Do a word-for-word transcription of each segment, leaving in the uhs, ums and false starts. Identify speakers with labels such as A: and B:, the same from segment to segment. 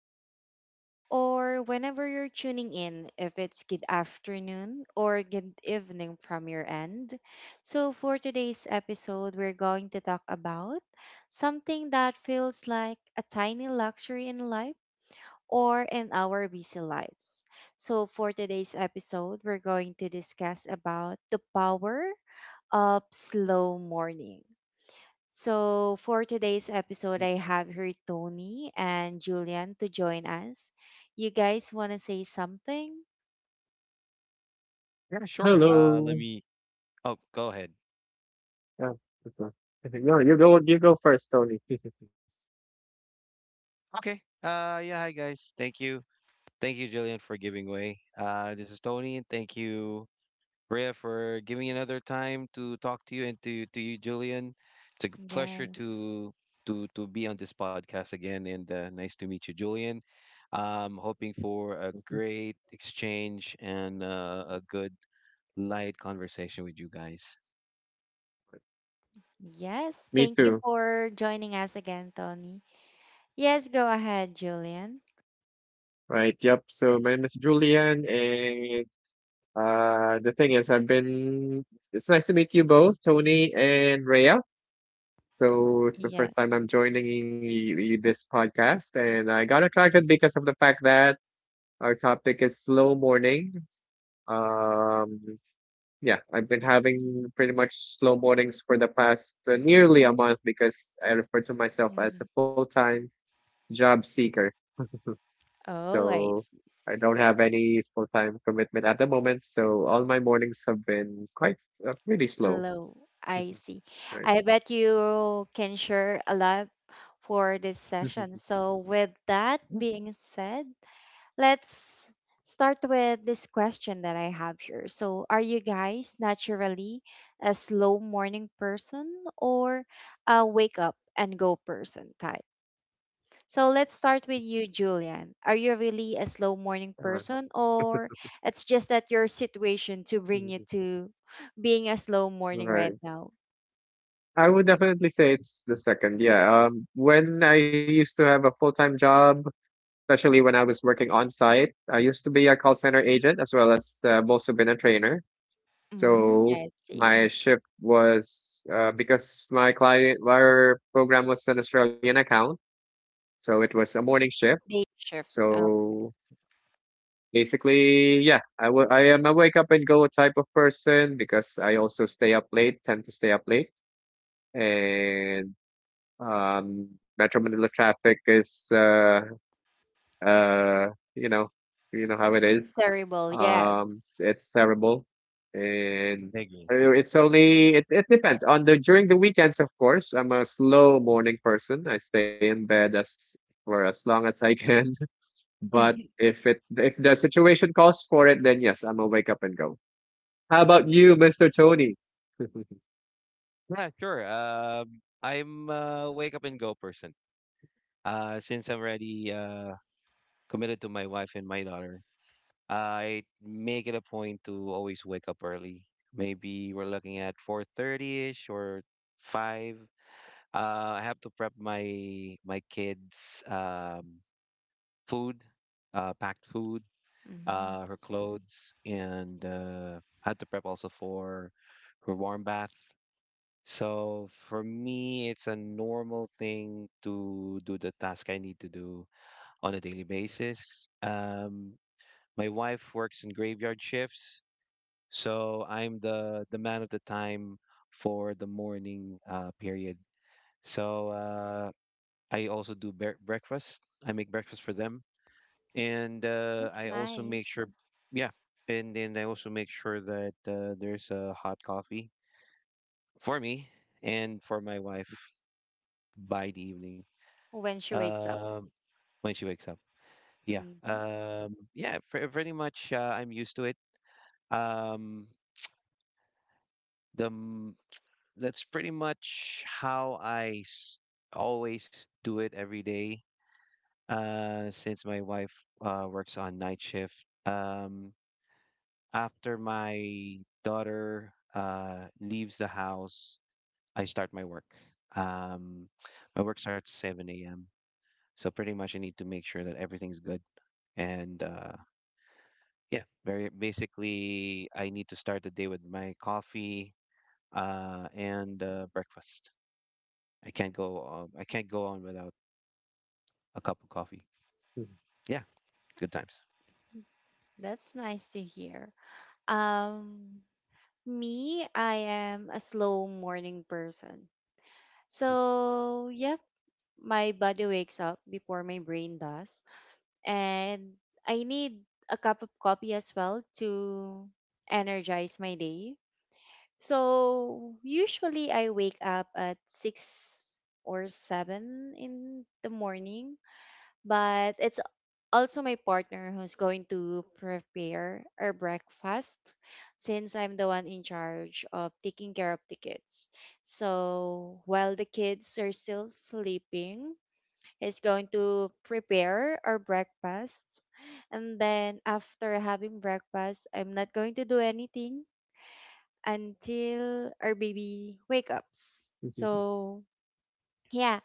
A: morning, or whenever you're tuning in, if it's good afternoon or good evening from your end. So, for today's episode, we're going to talk about something that feels like a tiny luxury in life or in our busy lives. So, for today's episode, we're going to discuss about the power of slow morning. So, for today's episode, I have here Tony and Julian to join us. You guys want to say something?
B: Yeah, sure. Uh, let
C: Hello.
B: me. Oh, go ahead.
C: Yeah. Okay. Okay, no, you go. You go first, Tony.
B: Okay. Uh, yeah. Hi, guys. Thank you. Thank you, Jillian, for giving way. Uh, this is Tony, and thank you, Rhea, for giving me another time to talk to you and to to you, Jillian. It's a g- pleasure
A: Yes.
B: to to to be on this podcast again, and uh, nice to meet you, Julian. Um, hoping for a
C: Mhm.
B: great exchange and uh, a good light conversation with you guys.
A: Yes.
C: Me
A: Thank you
C: too.
A: for joining us again, Tony. Yes, go ahead, Julian.
C: Right. Yep. So my name is Julian, and uh, the thing is, I've been. It's nice to meet you both, Tony and Rhea. So it's the first time
A: Yes.
C: I'm joining you, you this podcast, and I got attracted because of the fact that our topic is slow morning. Um, Yeah, I've been having pretty much slow mornings for the past uh, nearly a month because I refer to myself as
A: Mhm.
C: a full-time job seeker.
A: Oh, I
C: So
A: see.
C: I don't have any full-time commitment at the moment. So all my mornings have been quite uh, really slow.
A: Slow. I see.
C: Right.
A: I bet you can share a lot for this session. So, with that being said, let's start with this question that I have here. So, are you guys naturally a slow morning person or a wake up and go person type? So, let's start with you, Julian. Are you really a slow morning
C: Uh,
A: person, or it's just that your situation to bring you
C: mhm.
A: to being a slow morning right
C: Right.
A: now?
C: I would definitely say it's the second. Yeah. Um, when I used to have a full-time job, especially when I was working on site, I used to be a call center agent as well as uh, I've also been a trainer.
A: Mm,
C: So
A: I see.
C: my shift was uh, because my client, our program was an Australian account, so it was a morning shift.
A: Day shift. Oh,
C: So basically, yeah, I wa- I am a wake up and go type of person because I also stay up late, tend to stay up late, and um, Metro Manila traffic is uh, uh you know, you know how it is,
A: terrible.
C: um
A: Yes.
C: it's terrible. And
B: Thank you.
C: uh, it's only it, it depends on the, during the weekends, of course I'm a slow morning person. I stay in bed as for as long as I can. But if it if the situation calls for it, then yes, I'm a wake up and go. How about you, Mr. Tony?
B: Yeah, sure. Um, I'm a wake up and go person. Uh, since I'm already uh, committed to my wife and my daughter, I make it a point to always wake up early. Maybe we're looking at 4:30ish or five. Uh, I have to prep my my kids' um, food, uh, packed food,
A: Mhm.
B: uh, her clothes, and uh, I had to prep also for her warm bath. So for me, it's a normal thing to do the task I need to do on a daily basis. Um, my wife works in graveyard shifts, so I'm the the man of the time for the morning uh, period. So uh, I also do bre- breakfast. I make breakfast for them, and uh,
A: That's
B: I also make
A: nice.
B: sure, yeah, and then I also make sure that uh, there's a hot coffee for me and for my wife by the evening
A: When she wakes up.
B: uh, when she wakes up. Yeah.
A: Hmm.
B: Um, yeah, pre- pretty much uh, I'm used to it. Um, the m- that's pretty much how I s- always do it every day. Uh, since my wife uh, works on night shift. Um, after my daughter uh, leaves the house, I start my work. Um, my work starts seven a m. So pretty much I need to make sure that everything's good, and uh, yeah, very basically, I need to start the day with my coffee uh, and uh, breakfast. I can't go. Um, I can't go on without a cup of coffee. Yeah, good times.
A: That's nice to hear. Um, Me, I am a slow morning person. So, yep, my body wakes up before my brain does. And I need a cup of coffee as well to energize my day. So, usually I wake up at six or seven in the morning, but it's also my partner who's going to prepare our breakfast, since I'm the one in charge of taking care of the kids. So while the kids are still sleeping, he's going to prepare our breakfast. And then after having breakfast, I'm not going to do anything until our baby wake ups. So yeah.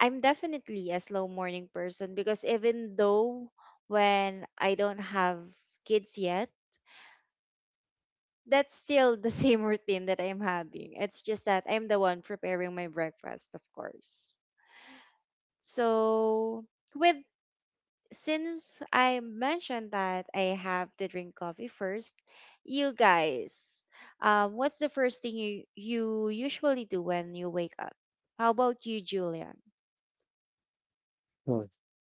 A: I'm definitely a slow morning person because even though when I don't have kids yet, that's still the same routine that I'm having. It's just that I'm the one preparing my breakfast, of course. So, with since I mentioned that I have to drink coffee first, you guys, um, what's the first thing you you usually do when you wake up? How about you, Julian?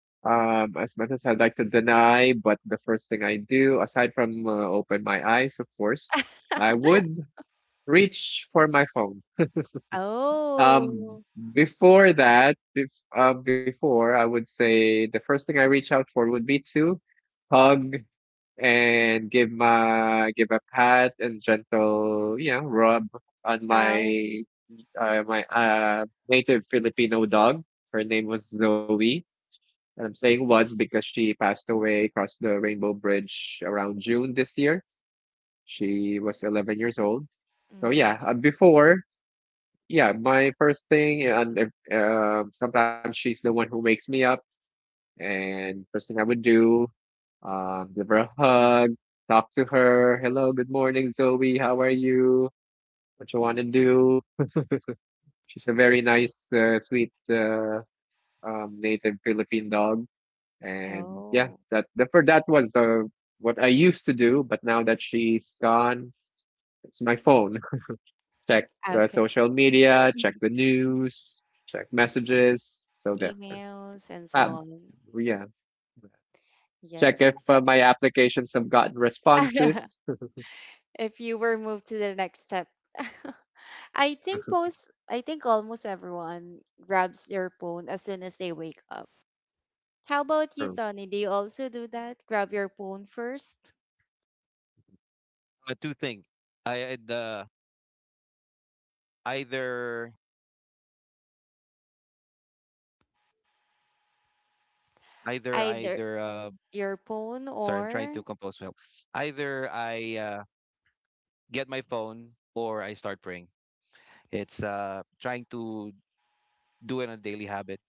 C: Um, as much as I'd like to deny, but the first thing I do, aside from uh, open my eyes, of course, I would reach for my phone. Um,
A: Oh.
C: before that, bef uh, Before, I would say the first thing I reach out for would be to hug and give my give a pat and gentle, you know, rub on my uh, my uh, native Filipino dog. Her name was Zoe. And I'm saying was because she passed away across the Rainbow Bridge around June this year. She was eleven years old. So yeah, uh,
A: Mm.
C: before, yeah, my first thing, and if, um, sometimes she's the one who wakes me up. And first thing I would do, um, give her a hug, talk to her. Hello, good morning, Zoe. How are you? What you want to do? She's a very nice, uh, sweet, uh, um, native Philippine dog. And yeah,
A: Oh,
C: that the, for that was the what I used to do, but now that she's gone, it's my phone. Check uh,
A: okay.
C: social media, check the news, check messages. So there.
A: Emails and
C: Uh,
A: so on.
C: yeah. Check
A: Yes.
C: if uh, my applications have gotten responses.
A: If you were moved to the next step. I think most I think almost everyone grabs their phone as soon as they wake up. How
C: Oh,
A: about you, Tony? Do you also do that? Grab your phone first?
B: Uh, two things. I I'd, uh, either either
A: Either
B: either uh,
A: your phone
B: Sorry, I'm trying
A: or
B: to compose myself. Either I uh, get my phone or I start praying. It's uh, trying to do it on a daily habit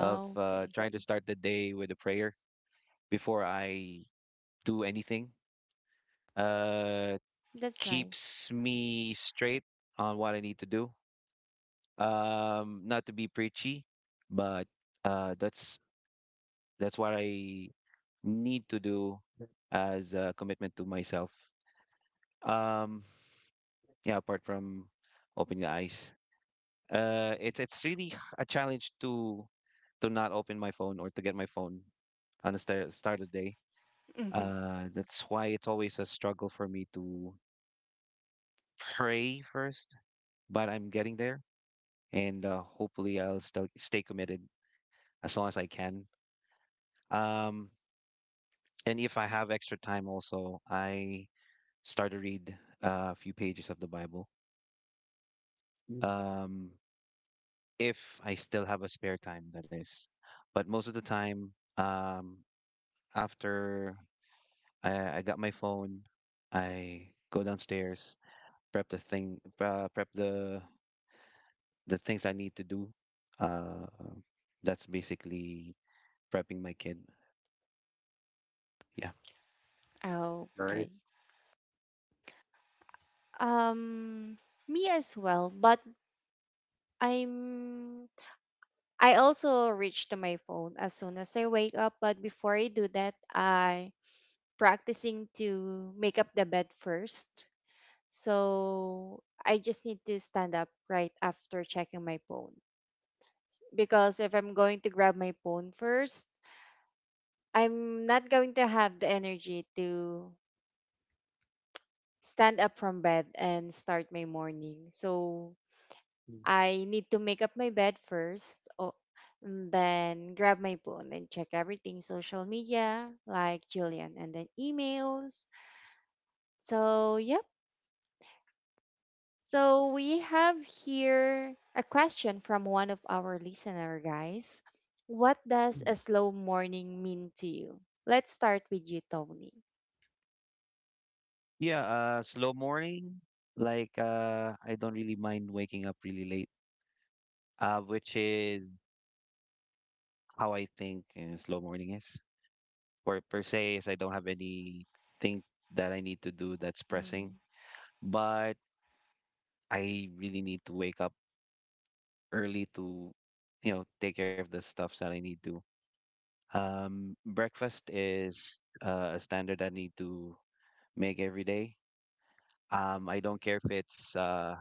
B: of uh,
A: okay.
B: trying to start the day with a prayer before I do anything. Uh,
A: That's nice.
B: keeps me straight on what I need to do. Um, not to be preachy, but uh, that's that's what I need to do as a commitment to myself. Um, yeah, apart from opening the eyes, uh, it's it's really h- a challenge to to not open my phone or to get my phone on the start start of the day. Uh, that's why it's always a struggle for me to pray first, but I'm getting there. And uh, hopefully I'll still stay committed as long as I can. Um, and if I have extra time, also I start to read uh, a few pages of the Bible.
C: mm,
B: Um, if I still have a spare time, that is. But most of the time, um, after I, I got my phone, I go downstairs, prep the thing, uh, prep the the things I need to do. Uh, that's basically prepping my kid. Yeah.
A: Okay.
C: nice.
A: Um, Me as well, but I'm I also reach to my phone as soon as I wake up, but before I do that, I practicing to make up the bed first. So I just need to stand up right after checking my phone, because if I'm going to grab my phone first, I'm not going to have the energy to stand up from bed and start my morning. So
C: Mm.
A: I need to make up my bed first, or, and then grab my phone and check everything social media, like Jillian, and then emails. So, yep. So, we have here a question from one of our listener guys. What does a slow morning mean to you? Let's start with you, Tony.
B: Yeah, uh, Slow morning. Like, uh, I don't really mind waking up really late, uh, which is how I think uh, slow morning is. Or per se, is I don't have anything that I need to do that's pressing, but I really need to wake up early to, you know, take care of the stuffs that I need to. Um, breakfast is uh, a standard I need to make every day. Um, I don't care if it's uh,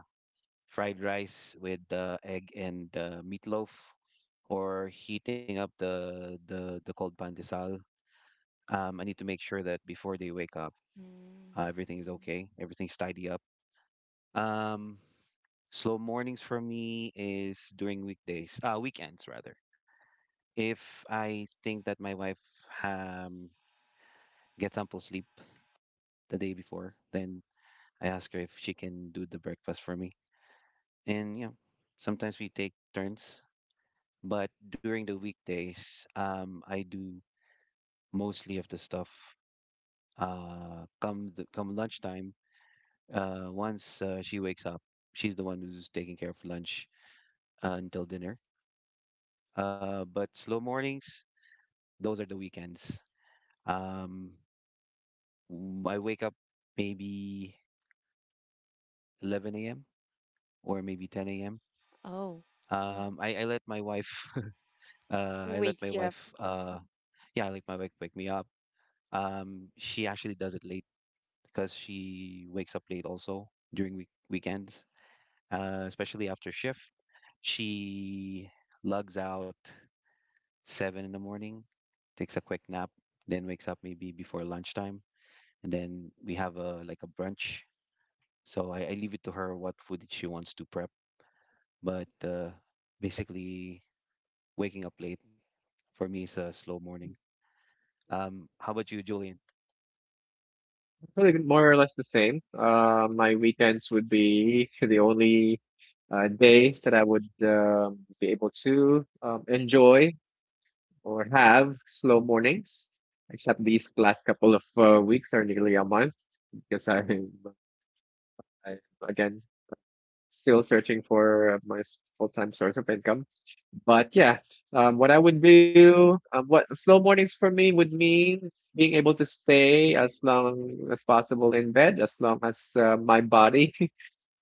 B: fried rice with uh, egg and uh, meatloaf, or heating up the the the cold pandesal. Um, I need to make sure that before they wake up,
A: Mm-hmm.
B: uh, everything is okay, everything's tidy up. Um, slow mornings for me is during weekdays, uh, weekends rather. If I think that my wife um gets ample sleep the day before, then I ask her if she can do the breakfast for me. And yeah, sometimes we take turns. But during the weekdays, um, I do mostly of the stuff. Uh, come the, come lunchtime, uh, once uh, she wakes up, she's the one who's taking care of lunch uh, until dinner. Uh, but slow mornings, those are the weekends. Um, w- I wake up maybe eleven a m or maybe ten a m.
A: Oh.
B: Um, I, I let my wife, uh, I
A: Who
B: let my
A: wakes you up?
B: wife, uh, yeah, I let my wife wake me up. Um, she actually does it late because she wakes up late also during week- weekends, uh, especially after shift. She lugs out seven in the morning, takes a quick nap, then wakes up maybe before lunchtime, and then we have a like a brunch. So I, I leave it to her what food she wants to prep. But uh, basically, waking up late for me is a slow morning. Um, how about you, Julian?
C: Really more or less the same. Uh, my weekends would be the only uh, days that I would um, be able to um, enjoy or have slow mornings, except these last couple of uh, weeks or nearly a month, because I'm, I'm again still searching for my full-time source of income. But yeah, um, what I would do, um, what slow mornings for me would mean being able to stay as long as possible in bed, as long as uh, my body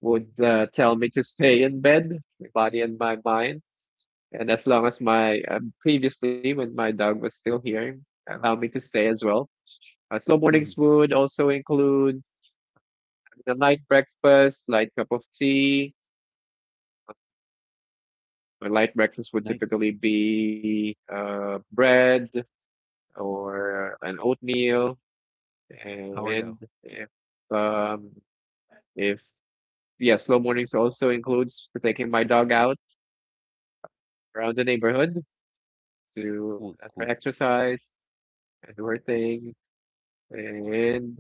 C: would uh, tell me to stay in bed, my body and my mind, and as long as my um, previously, when my dog was still here, allow me to stay as well. Uh, slow mornings
B: Mm,
C: would also include a light breakfast, light cup of tea. Or light breakfast would
B: nice.
C: typically be uh, bread or an oatmeal. And
B: Sourdough.
C: if um, if yeah, slow mornings also includes taking my dog out around the neighborhood to
B: Cool,
C: have her
B: cool.
C: exercise and do her thing. And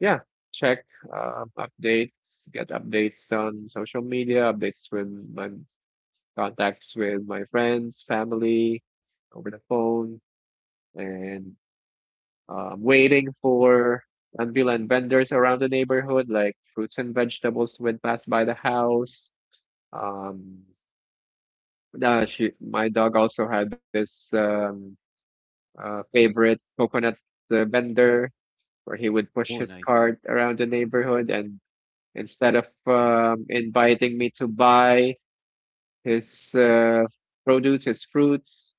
C: yeah, check um, updates, get updates on social media, updates with my contacts, with my friends, family, over the phone, and um, waiting for ambulant vendors around the neighborhood, like fruits and vegetables would pass by the house. Um, uh, she, my dog also had this um, uh, favorite coconut uh, vendor where he would push
B: Oh,
C: his
B: nice.
C: cart around the neighborhood, and instead of um, inviting me to buy his uh, produce, his fruits,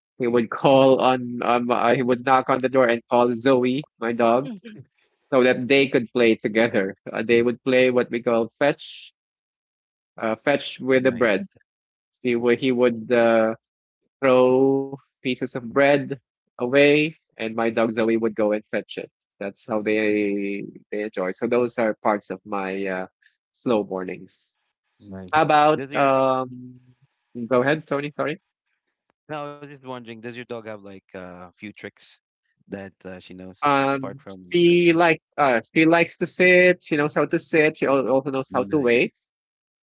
C: he would call on um, uh, he would knock on the door and call Zoe, my dog, so that they could play together. Uh, they would play what we call fetch, uh, fetch with the bread.
B: Nice.
C: He would he would uh, throw pieces of bread away, and my dog Zoe would go and fetch it. That's how they they enjoy. So those are parts of my uh, slow mornings.
B: Nice.
C: How about
B: Does your
C: um go ahead, Tony, sorry.
B: No, I was just wondering, does your dog have like uh, a few tricks that uh, she knows apart
C: Um
B: from
C: she
B: fetching?
C: likes uh she likes to sit, she knows how to sit, she al- also knows how to
B: Nice.
C: wait.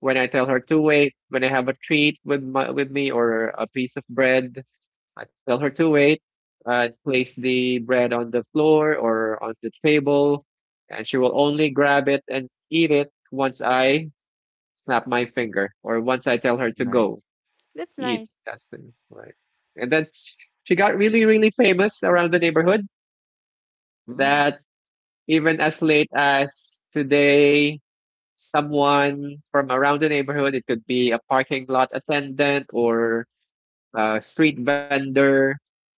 C: When I tell her to wait, when I have a treat with my with me, or a piece of bread, I tell her to wait, uh place the bread on the floor or on the table, and she will only grab it and eat it once I snap my finger or once I tell her to
B: Nice.
C: go.
A: That's
C: Eat.
A: nice.
C: That's the right. And then she got really, really famous around the neighborhood
B: Mm.
C: that even as late as today, someone from around the neighborhood, it could be a parking lot attendant or a street vendor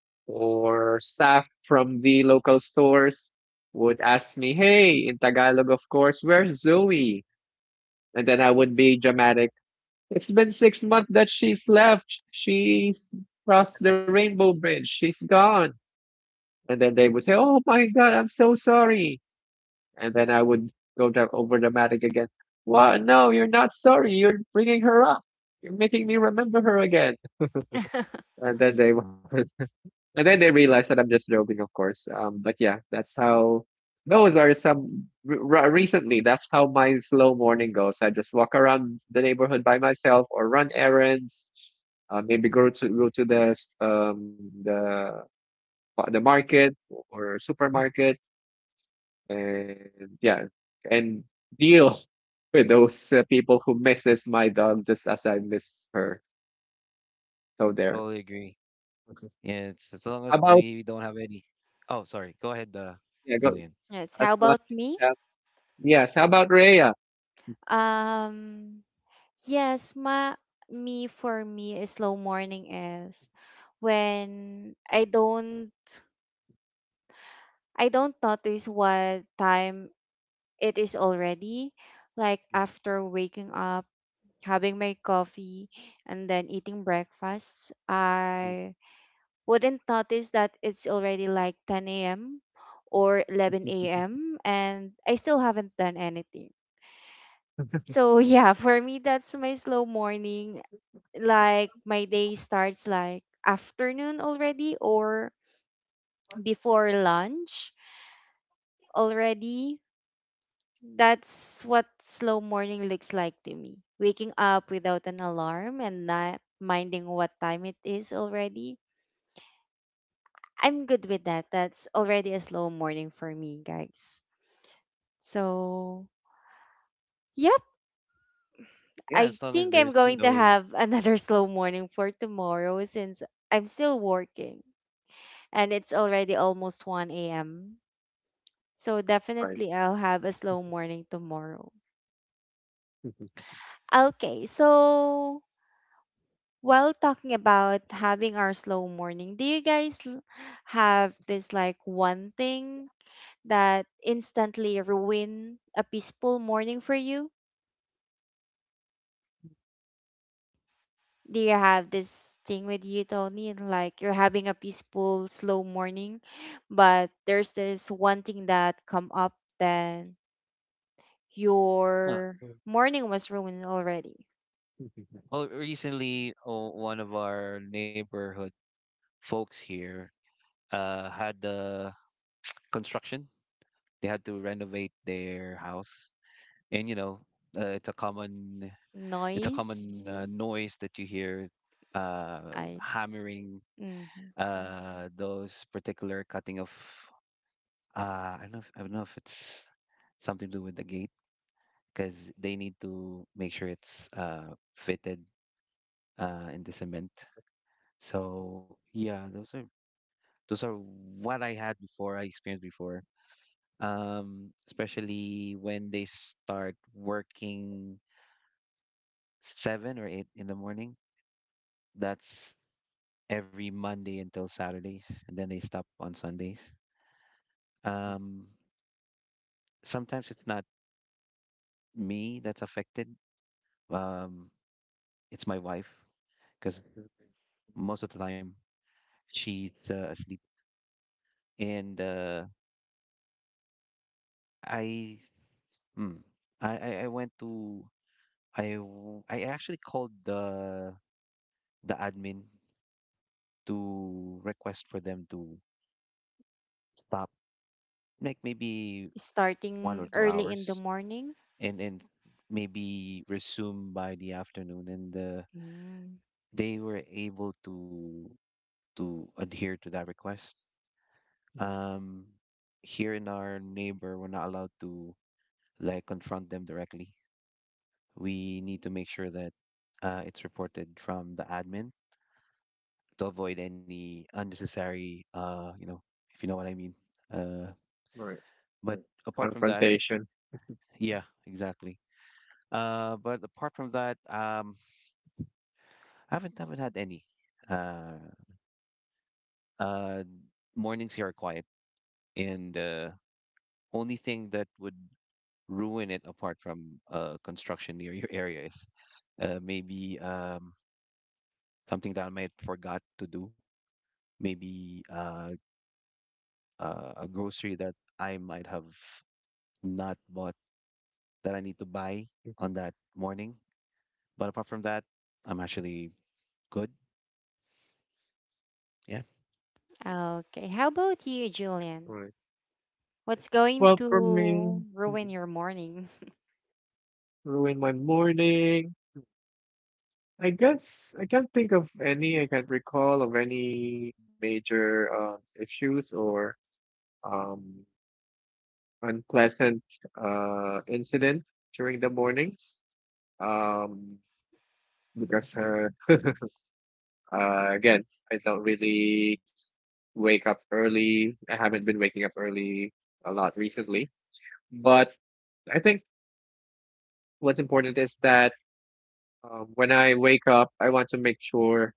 C: or staff from the local stores would ask me, hey, in Tagalog, of course, where's Zoe? And then I would be dramatic. It's been six months that she's left. She's crossed the rainbow bridge. She's gone. And then they would say, oh my God, I'm so sorry. And then I would go down over dramatic again. What? No, you're not sorry. You're bringing her up. You're making me remember her again. And then they would and then they realized that I'm just joking, of course. Um, but yeah, that's how, those are some r- recently. That's how my slow morning goes. I just walk around the neighborhood by myself or run errands, uh, maybe go to go to the s- um the the market or
B: Yeah.
C: supermarket, and yeah, and deal with those uh, people who misses my dog just as I miss her. So
B: Totally
C: there.
B: agree.
C: Okay.
B: Yeah, it's as long as
C: How about
B: we don't have any. Oh, sorry. Go ahead, uh,
C: yeah, go,
B: Julian.
A: Yes.
C: as
A: How
C: long
A: about me?
C: as, uh, yes. How about Rhea?
A: Um, Yes, ma me for me a slow morning is when I don't I don't notice what time it is already. Like after waking up, having my coffee and then eating breakfast, I wouldn't notice that it's already like ten a m or eleven a m and I still haven't done anything. So yeah, for me that's my slow morning, like my day starts like afternoon already, or before lunch already. That's what slow morning looks like to me. Waking up without an alarm and not minding what time it is already. I'm good with that. That's already a slow morning for me, guys. So, yep,
B: Yeah,
A: I
B: as long as
A: think I'm
B: there's
A: going to
B: no.
A: have another slow morning for tomorrow, since I'm still working and it's already almost one a m. So
C: Right.
A: definitely I'll have a slow morning tomorrow. Okay, so while talking about having our slow morning, do you guys l- have this like one thing that instantly ruin a peaceful morning for you? Do you have this thing with you, Tony? and, Like you're having a peaceful, slow morning, but there's this one thing that come up, then
B: Huh.
A: your morning was ruined already.
B: Well, recently, oh, one of our neighborhood folks here uh had the construction. They had to renovate their house, and you know, uh, it's a common it's a common
A: Noise.
B: uh, noise that you hear, uh,
A: I
B: hammering,
A: Mhm.
B: uh, those particular cutting of, uh, I don't know if, I don't know if it's something to do with the gate because they need to make sure it's uh, fitted uh, in the cement. So yeah, those are those are what I had before I experienced before. Um, especially when they start working seven or eight in the morning. That's every Monday until Saturdays, and then they stop on Sundays. Um, sometimes it's not me that's affected. Um, it's my wife because most of the time she's uh, asleep, and uh, I, mm, I, I I went to I w- I actually called the the admin to request for them to stop, like maybe one or
A: Starting
B: two
A: early in the
B: hours
A: morning.
B: and and maybe resume by the afternoon. And uh,
A: Mm.
B: they were able to to adhere to that request. Um, here in our neighbor, we're not allowed to like confront them directly. We need to make sure that uh, it's reported from the admin to avoid any unnecessary, uh you know if you know what I mean. Uh,
C: Right.
B: but Mm. apart from that,
C: Confrontation.
B: yeah, exactly. Uh, but apart from that, um i haven't haven't had any. Uh. Uh, mornings here are quiet, and uh, only thing that would ruin it apart from uh, construction near your area is uh, maybe, um, something that I might forgot to do, maybe uh, uh, a grocery that I might have not bought that I need to buy on that morning. But apart from that, I'm actually good. Yeah.
A: Okay. How about you, Julian?
C: Right.
A: What's going
C: Well, for
A: to
C: me,
A: ruin your morning?
C: ruin my morning. I guess I can't think of any. I can't recall of any major uh, issues or um, unpleasant uh, incident during the mornings. Um, because
A: Mhm.
C: uh, uh, Again, I don't really wake up early. I haven't been waking up early a lot recently, but I think what's important is that um, when I wake up, I want to make sure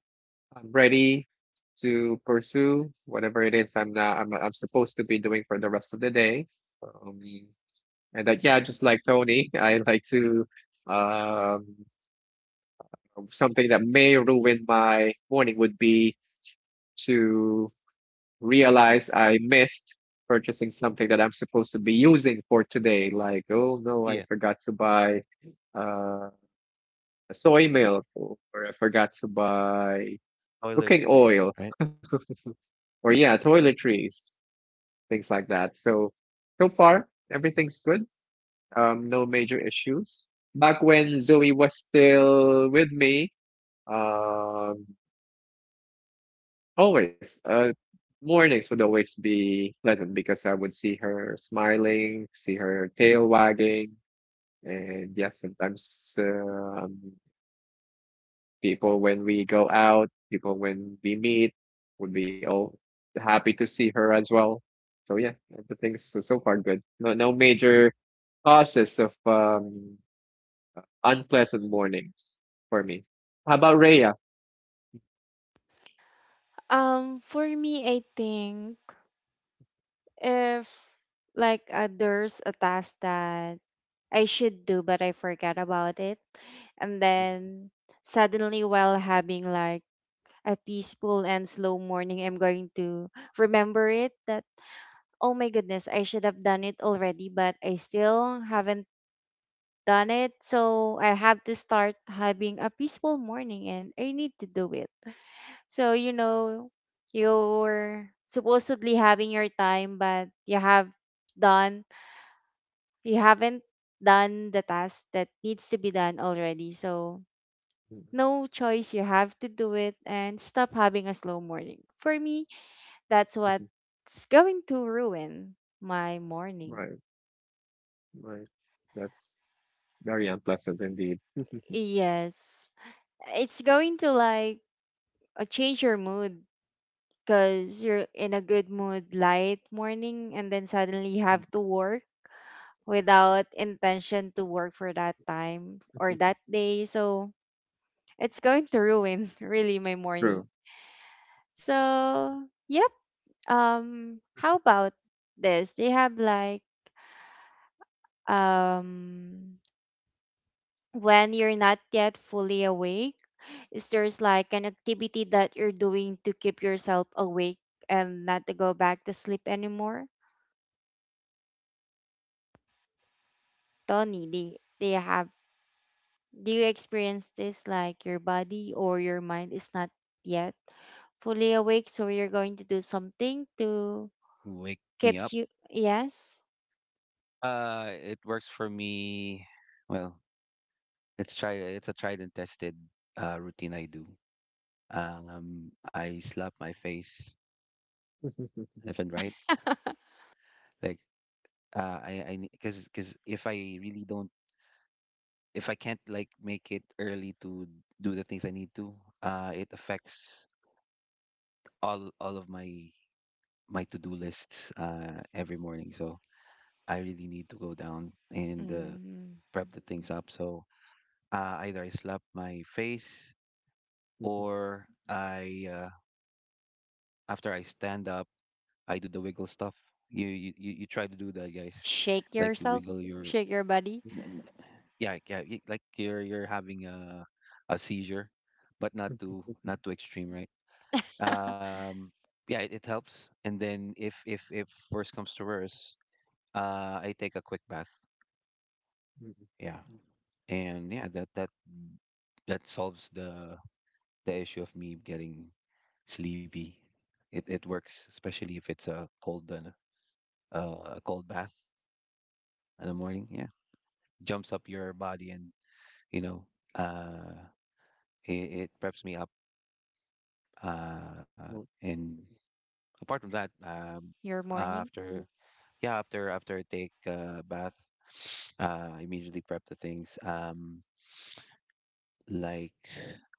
C: I'm ready to pursue whatever it is I'm now I'm I'm supposed to be doing for the rest of the day. Um, and that yeah, just like Tony, I like to um something that may ruin my morning would be to realize I missed purchasing something that I'm supposed to be using for today. Like, oh no, I
B: Yeah.
C: forgot to buy uh, soy milk, or I forgot to buy cooking
B: Toiletries,
C: oil,
B: right?
C: or yeah, toiletries, things like that. So, so far, everything's good. Um, no major issues. Back when Zoe was still with me, um, always. Uh, mornings would always be pleasant because I would see her smiling, see her tail wagging, and yeah, sometimes um, people when we go out, people when we meet, would be all happy to see her as well. So yeah, everything's so, so far good. No, no major causes of um, unpleasant mornings for me. How about Rhea?
A: Um, for me, I think if like uh, there's a task that I should do but I forget about it, and then suddenly while having like a peaceful and slow morning, I'm going to remember it. That. Oh my goodness, I should have done it already, but I still haven't done it. So I have to start having a peaceful morning and I need to do it. So, you know, you're supposedly having your time, but you have done, you haven't done the task that needs to be done already. So, no choice, you have to do it and stop having a slow morning. For me, that's what's going to ruin my morning.
C: Right, right. That's very unpleasant indeed.
A: Yes. It's going to like uh, change your mood, because you're in a good mood light morning and then suddenly you have to work without intention to work for that time or that day, so it's going to ruin really my morning.
C: True.
A: So yep, um how about this, they have like um when you're not yet fully awake, is there's like an activity that you're doing to keep yourself awake and not to go back to sleep anymore? Tony, do, do you have do you experience this, like your body or your mind is not yet fully awake, so you're going to do something to
B: Wake me
A: keeps
B: up.
A: you yes?
B: Uh, it works for me. Well, It's tried. It's a tried and tested uh, routine I do. Um, I slap my face left and right. Like uh, I, I, because, because if I really don't, if I can't like make it early to do the things I need to, uh, it affects all all of my my to do lists uh every morning. So I really need to go down and uh,
A: Mm,
B: prep the things up. So uh, either I slap my face or I uh, after I stand up. I do the wiggle stuff. You you you you try to do that, guys.
A: shake
B: Like you
A: yourself,
B: wiggle your,
A: shake your body,
B: n- yeah yeah y- like you're you're having a a seizure, but not too not too extreme, right? Um, yeah, it, it helps. And then if if if worse comes to worse, uh, I take a quick bath. Yeah, and yeah, that that that solves the the issue of me getting sleepy. It it works, especially if it's a cold, uh, uh, a cold bath in the morning. Yeah. Jumps up your body, and you know uh it, it preps me up, uh and apart from that, um
A: your morning.
B: after yeah after after I take a bath, uh I immediately prep the things, um like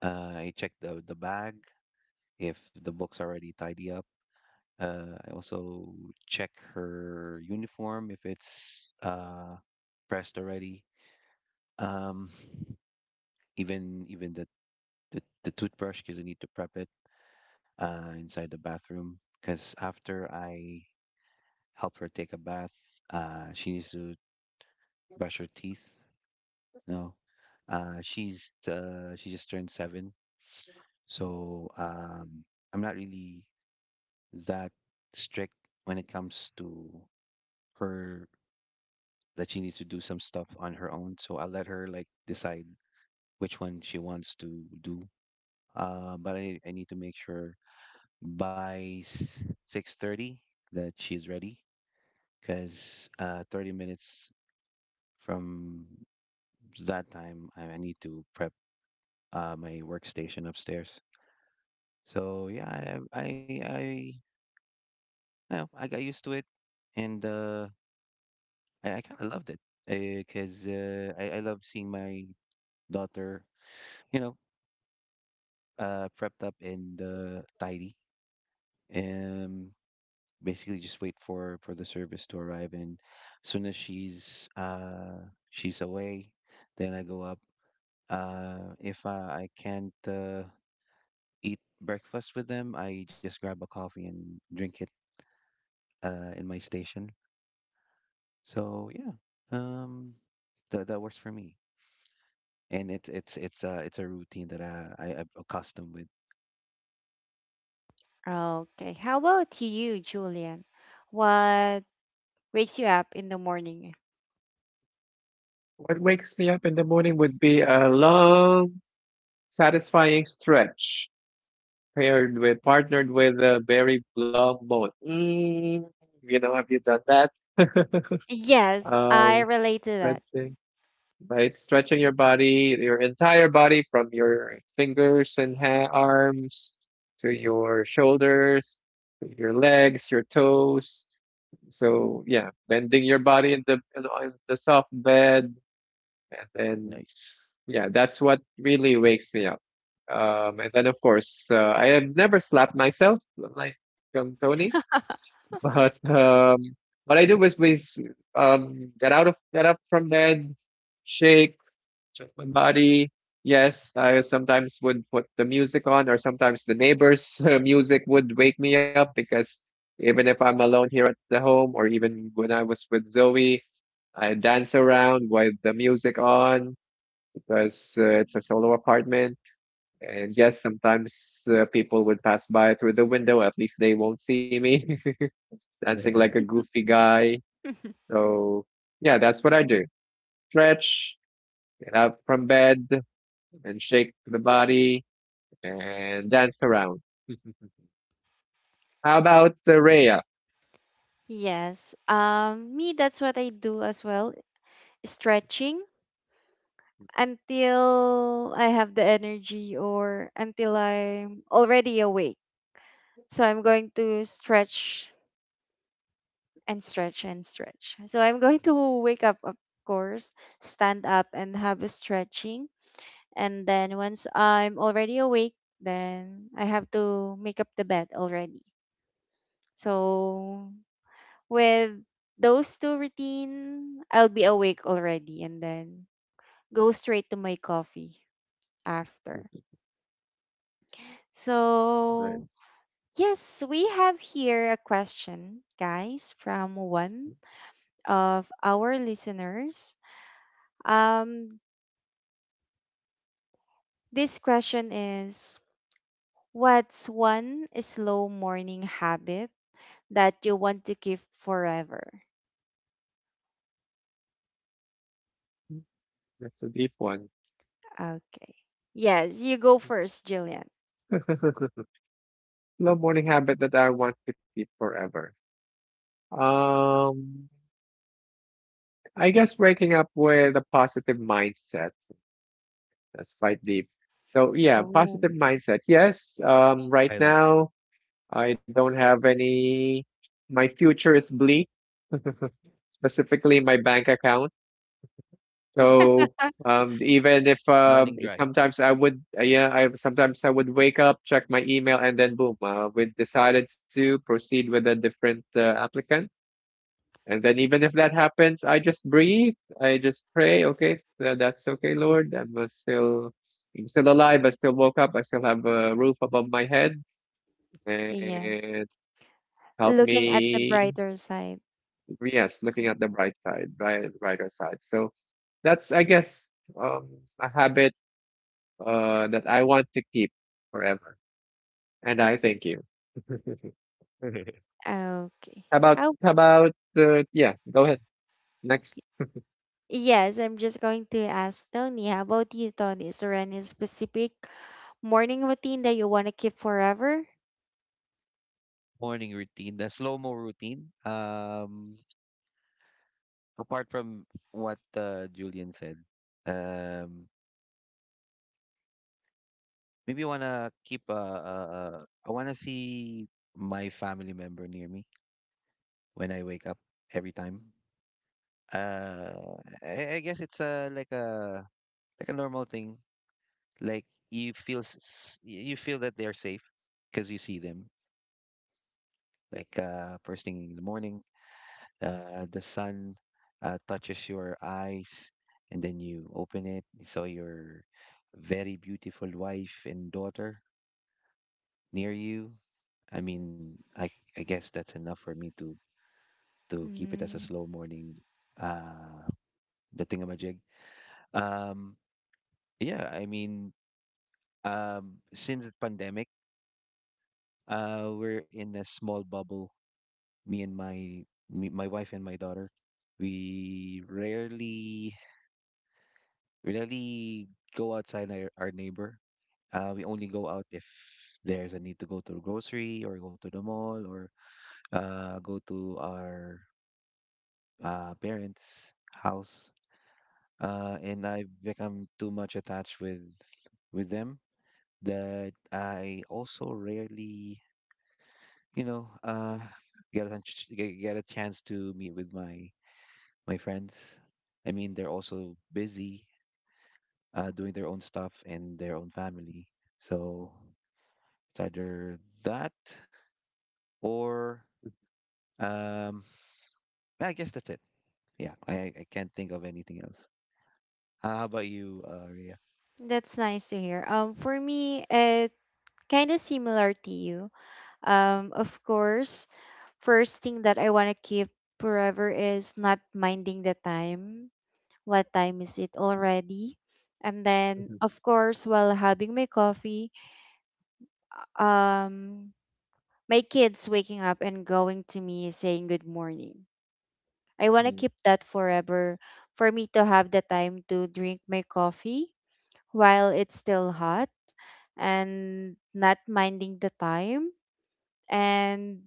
B: uh I check the the bag if the book's already tidy up. uh I also check her uniform if it's uh pressed already. um even Even the the, the toothbrush because I need to prep it uh, inside the bathroom because after I help her take a bath, uh, she needs to brush her teeth. No, uh, she's uh, she just turned seven, so um, I'm not really that strict when it comes to her that she needs to do some stuff on her own. So I let her like decide which one she wants to do. Uh, but I, I need to make sure by six thirty that she is ready because uh, thirty minutes from that time, I, I need to prep uh, my workstation upstairs. So yeah, I I I, I, know, I got used to it, and uh, I, I kind of loved it because uh, I I love seeing my daughter, you know, uh, prepped up and uh, tidy, and basically just wait for for the service to arrive. And as soon as she's uh she's away, then I go up. Uh, if uh, I can't uh, eat breakfast with them, I just grab a coffee and drink it uh, in my station. So yeah, um, that that works for me, and it's it's it's uh it's a routine that I, I I'm accustomed with.
A: Okay. How about you, Julian? What wakes you up in the morning?
C: What wakes me up in the morning would be a long, satisfying stretch paired with, partnered with a very long moan. Mm, you know, have you done that?
A: Yes,
C: Um,
A: I relate to that.
C: stretching, right? Stretching your body, your entire body from your fingers and ha arms to your shoulders, to your legs, your toes. So yeah, bending your body in the in, on the soft bed, and then
B: Nice.
C: yeah, that's what really wakes me up. Um, and then of course, uh, I have never slapped myself like um, Tony, but um, what I do is, is um, get out of get up from bed, shake, just one body. Yes, I sometimes would put the music on, or sometimes the neighbors' music would wake me up because even if I'm alone here at the home, or even when I was with Zoe, I dance around with the music on because uh, it's a solo apartment. And yes, sometimes uh, people would pass by through the window. At least they won't see me dancing like a goofy guy. So yeah, that's what I do. Stretch, get up from bed, and shake the body and dance around. How about the Rhea?
A: Yes. Um, me, that's what I do as well. Stretching until I have the energy or until I'm already awake. So I'm going to stretch and stretch and stretch. So I'm going to wake up, of course, stand up and have a stretching. And then once I'm already awake, then I have to make up the bed already. So with those two routine, I'll be awake already and then go straight to my coffee after. So,
C: Nice.
A: yes, we have here a question, guys, from one of our listeners. Um, this question is, what's one slow morning habit that you want to keep forever?
C: That's a deep one.
A: Okay. Yes, you go first, Jillian.
C: Slow morning habit that I want to keep forever. Um, I guess waking up with a positive mindset. That's quite deep. So yeah, positive
A: Oh,
C: mindset. Yes. Um, right
B: I like that.
C: now I don't have any. My future is bleak, specifically my bank account.
B: Ooh,
C: So um, even if uh,
B: running dry.
C: sometimes I would, uh, yeah, I sometimes I would wake up, check my email, and then boom, uh, we decided to proceed with a different uh, applicant. And then even if that happens, I just breathe. I just pray. Okay, tha- that's okay, Lord. I'm uh, still, I'm still alive. I still woke up. I still have a roof above my head,
A: yes.
C: and help
A: Looking at the
C: me.
A: brighter side.
C: Yes, looking at the bright side, bright, brighter side. So that's, I guess, um, a habit uh, that I want to keep forever. And I thank you.
A: Okay.
C: How about
A: How?
C: how about uh, yeah, go ahead. Next.
A: Yes, I'm just going to ask Tony. How about you, Tony? Is there any specific morning routine that you want to keep forever?
B: Morning routine, the slow mo routine. Um, apart from what uh, Julian said, um, maybe I wanna keep uh, uh, uh wanna see my family member near me when I wake up every time. Uh, I, I guess it's a like a like a normal thing. Like you feel s- s- you feel that they're safe because you see them. Like uh, first thing in the morning, uh, the sun uh, touches your eyes, and then you open it. You saw your very beautiful wife and daughter near you. I mean, I I guess that's enough for me to to keep it as a
A: Mm,
B: slow morning uh the thingamajig. Um yeah, I mean, um since the pandemic, uh we're in a small bubble, me and my me, my wife and my daughter. We rarely rarely go outside our, our neighbor. Uh we only go out if there's a need to go to the grocery or go to the mall or uh go to our uh parents' house uh, and I've become too much attached with with them that I also rarely, you know, uh, get a chance- get get a chance to meet with my my friends. I mean, they're also busy uh, doing their own stuff and their own family, so it's either that or um, yeah, I guess that's it. Yeah, I I can't think of anything else. How about you, uh, Rhea?
A: that's nice to hear. Um, for me, it kind of similar to you. Um, of course, first thing that I want to keep forever is not minding the time. What time is it already? And then,
C: Mhm.
A: of course, while having my coffee, um my kids waking up and going to me saying good morning. I want to
C: Mm,
A: keep that forever, for me to have the time to drink my coffee while it's still hot and not minding the time, and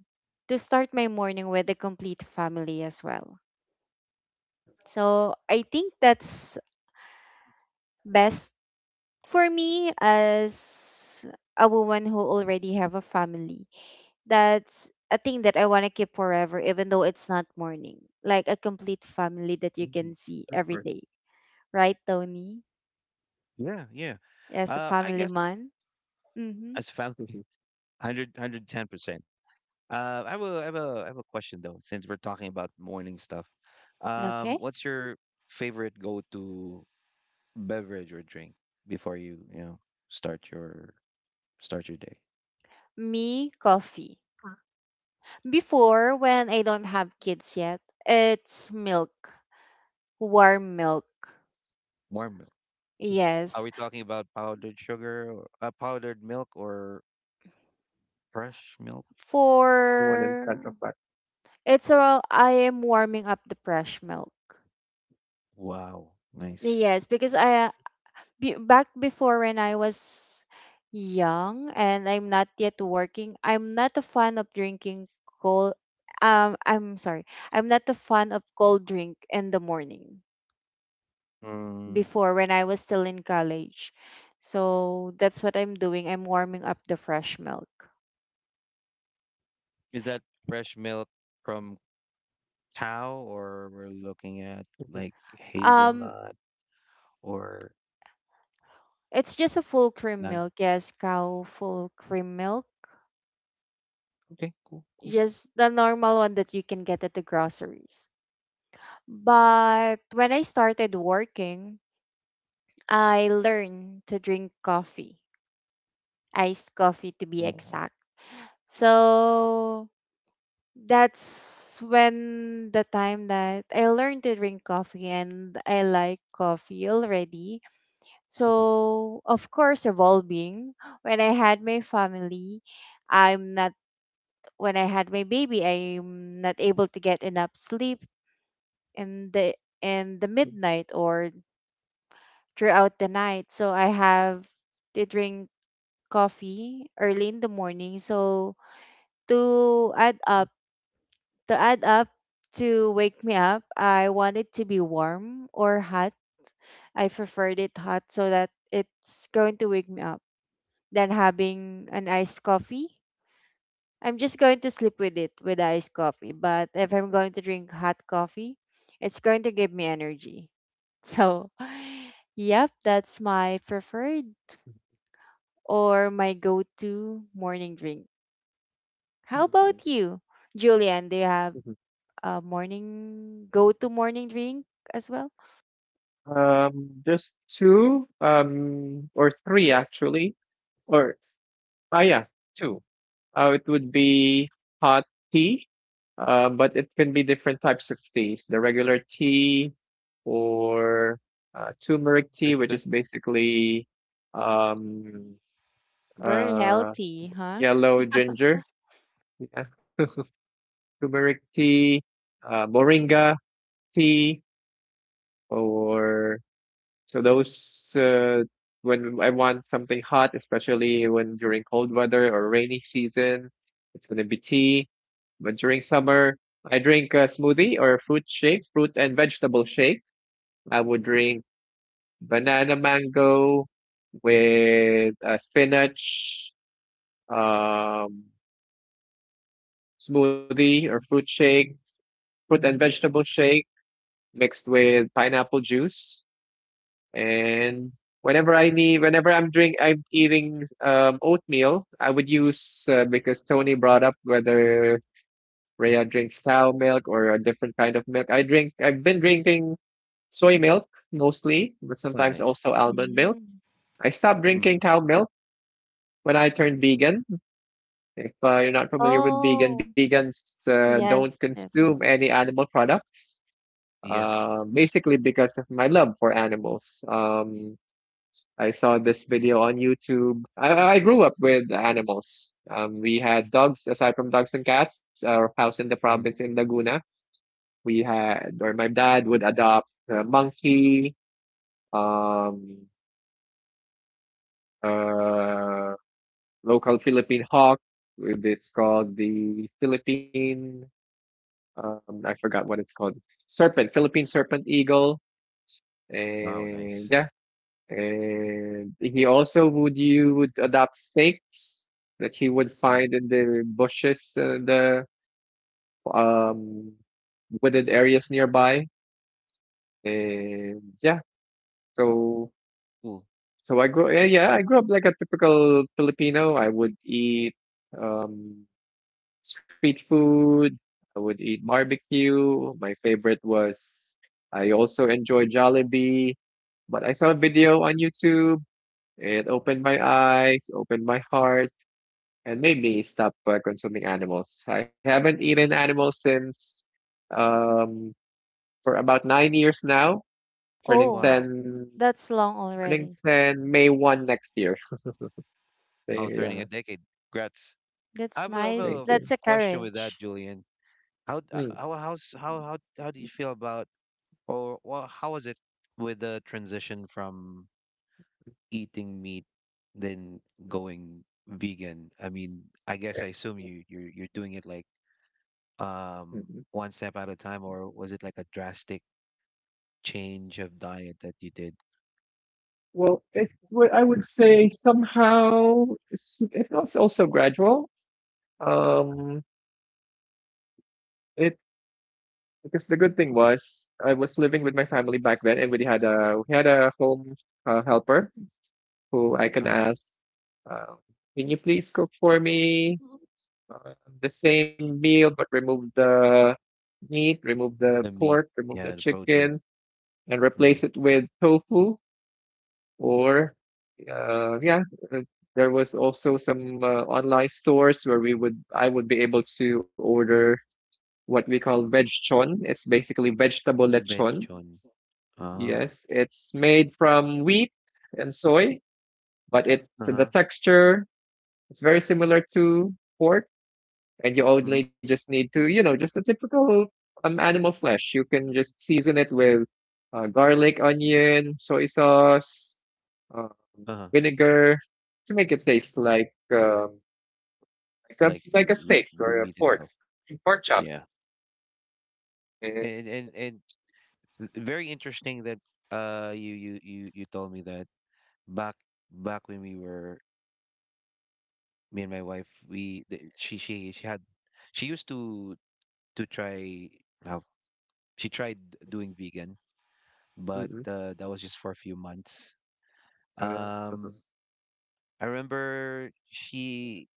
A: to start my morning with a complete family as well. So I think that's best for me as a woman who already have a family That's a thing that I want to keep forever, even though it's not morning. Like a complete family that you can
C: mhm.
A: see
C: Of
A: every
C: course.
A: day. Right, Tony?
B: Yeah, yeah.
A: As a
B: Uh, I
A: family
B: guess
A: man. Mm-hmm.
B: as
C: Mhm.
B: family. one hundred percent Uh, I have a, I have a, I have a question though, since we're talking about morning stuff. Um,
A: Okay.
B: what's your favorite go-to beverage or drink before you, you know, start your start your day?
A: Me, coffee. Before, when I don't have kids yet, it's milk, warm milk.
B: Warm milk. Are
A: Yes.
B: we talking about powdered sugar, or- uh, powdered milk, or fresh milk?
C: One in front of
A: For
C: us.
A: it's all I am warming up the fresh milk.
B: Wow, nice.
A: Yes, because I be- back before when I was young and I'm not yet working, I'm not a fan of drinking cold. Um, I'm sorry. I'm not a fan of cold drink in the morning
B: Mm,
A: before when I was still in college. So that's what I'm doing. I'm warming up the fresh milk.
B: is that fresh milk from cow, or we're looking at
C: Mhm,
B: like
A: Um,
B: hazelnut or
A: it's just a full cream
B: none?
A: milk. Yes, cow full cream milk.
B: Okay, cool, cool.
A: Just the normal one that you can get at the groceries. But when I started working, I learned to drink coffee, iced coffee to be
B: Mm.
A: exact. So that's when the time that I learned to drink coffee and I like coffee already.
C: mhm,
A: So, of course, evolving. When I had my family, I'm not, when I had my baby, I'm not able to get enough sleep in the in the midnight or throughout the night. So I have to drink coffee early in the morning. So to add
C: mhm,
A: up, to add up to wake me up, I want it to be warm or hot. I preferred it hot so that it's going to wake me up. Than having an iced coffee, I'm just going to sleep with it with the iced coffee. But if I'm going to drink hot coffee, it's going to give me energy. So, yep, that's my preferred or my go to morning drink. How
C: mhm,
A: about
C: alright,
A: you, Julian? Do you have
C: mhm.
A: a morning go-to morning drink as well?
C: Um, just two, um, or three actually, or ah yeah, two. Uh, it would be hot tea, uh, but it can be different types of teas. The regular tea or uh, turmeric tea,
B: That's
C: which
B: that's
C: is basically um,
A: Very
C: uh,
A: healthy, huh?
C: yellow ginger, yeah. Turmeric tea, uh, moringa tea, or So those uh, when I want something hot, especially when during cold weather or rainy season, it's gonna be tea. But during summer, I drink a smoothie or a fruit shake, fruit and vegetable shake. I would drink banana mango with a spinach um, smoothie or fruit shake, fruit and vegetable shake mixed with pineapple juice. And whenever I need, whenever I'm drink, I'm eating um, oatmeal. I would use uh, because Tony brought up whether Rhea drinks cow milk or a different kind of milk. I drink. I've been drinking soy milk mostly, but
B: ah,
C: sometimes
B: nice.
C: also almond milk.
A: Mm.
C: I stopped
B: Mm.
C: drinking cow milk when I turned vegan. If uh, you're not familiar with vegan,
A: Oh,
C: vegans uh, don't
A: yes, yes.
C: consume any animal products.
B: Yeah.
C: Uh, basically because of my love for animals. Um, I saw this video on YouTube. I, I grew up with animals. Um, we had dogs, aside from dogs and cats, our house in the
B: Mhm.
C: province in Laguna. We had, or my dad would adopt a monkey, um, uh, local Philippine hawk. It's called the Philippine, um, I forgot what it's called. Serpent, Philippine serpent eagle.
B: Wow,
C: And
B: nice.
C: yeah, and he also would you would adopt snakes that he would
B: Mm.
C: find in the bushes, uh, the um wooded areas nearby. And yeah, so
B: Cool.
C: so I grew yeah, yeah,
B: Ah,
C: I grew up like a typical Filipino. I would eat um street food, I would eat barbecue. My favorite was I also enjoy Jollibee, but I saw a video on YouTube. It opened my eyes, opened my heart, and made me stop uh, consuming animals. I haven't eaten animals since um, for about nine years now, turning
A: Oh,
B: wow.
C: ten,
A: that's long
C: turning
A: already.
C: ten may first next year. So,
B: Wow, turning
C: yeah,
B: a decade. Congrats. I
A: That's
B: have a, I have
A: nice.
C: thank
B: a
A: That's
C: you.
A: a
B: question with that,
A: courage.
B: Julian. How d-
C: Mm.
B: uh, how how's, how how how do you feel about, or well, how was it with the transition from eating meat then going vegan? I mean, I guess I assume you you're you're doing it like
C: Mhm.
B: um one step at a time, or was it like a drastic change of diet that you did?
C: Well, it, well, I would say somehow it's, it was also gradual. Um, it Because the good thing was I was living with my family back then, and we had a we had a home uh, helper who I can
B: uh
C: ask, uh, "Can you please cook for me
B: Mhm.
C: uh, the same meal, but remove the meat, remove the
B: The meat,
C: pork, remove
B: yeah,
C: the
B: the protein.
C: chicken, and
B: Mm-hmm.
C: replace it with tofu?" Or, uh, yeah, uh, there was also some uh, online stores where we would I would be able to order what we call veg chon. It's basically vegetable
B: Veg
C: lechon.
B: chon. Ah.
C: Yes, it's made from wheat and soy, but it the
B: Uh-huh.
C: texture. It's very similar to pork, and you
B: Mm-hmm.
C: only just need to, you know, just a typical um animal flesh. You can just season it with uh, garlic, onion, soy sauce, um,
B: Uh-huh.
C: vinegar to make it taste like um like a,
B: Like
C: like
B: w-
C: a
B: like
C: steak
B: the
C: or a
B: meat
C: pork
B: itself.
C: pork chop.
B: Yeah.
C: And,
B: And and and very interesting that uh you you you you told me that back back when we were, me and my wife, we the, she she she had she used to to try. Well, she tried doing vegan, but
C: mm-mm,
B: uh, that was just for a few months.
C: uh,
B: Um I remember she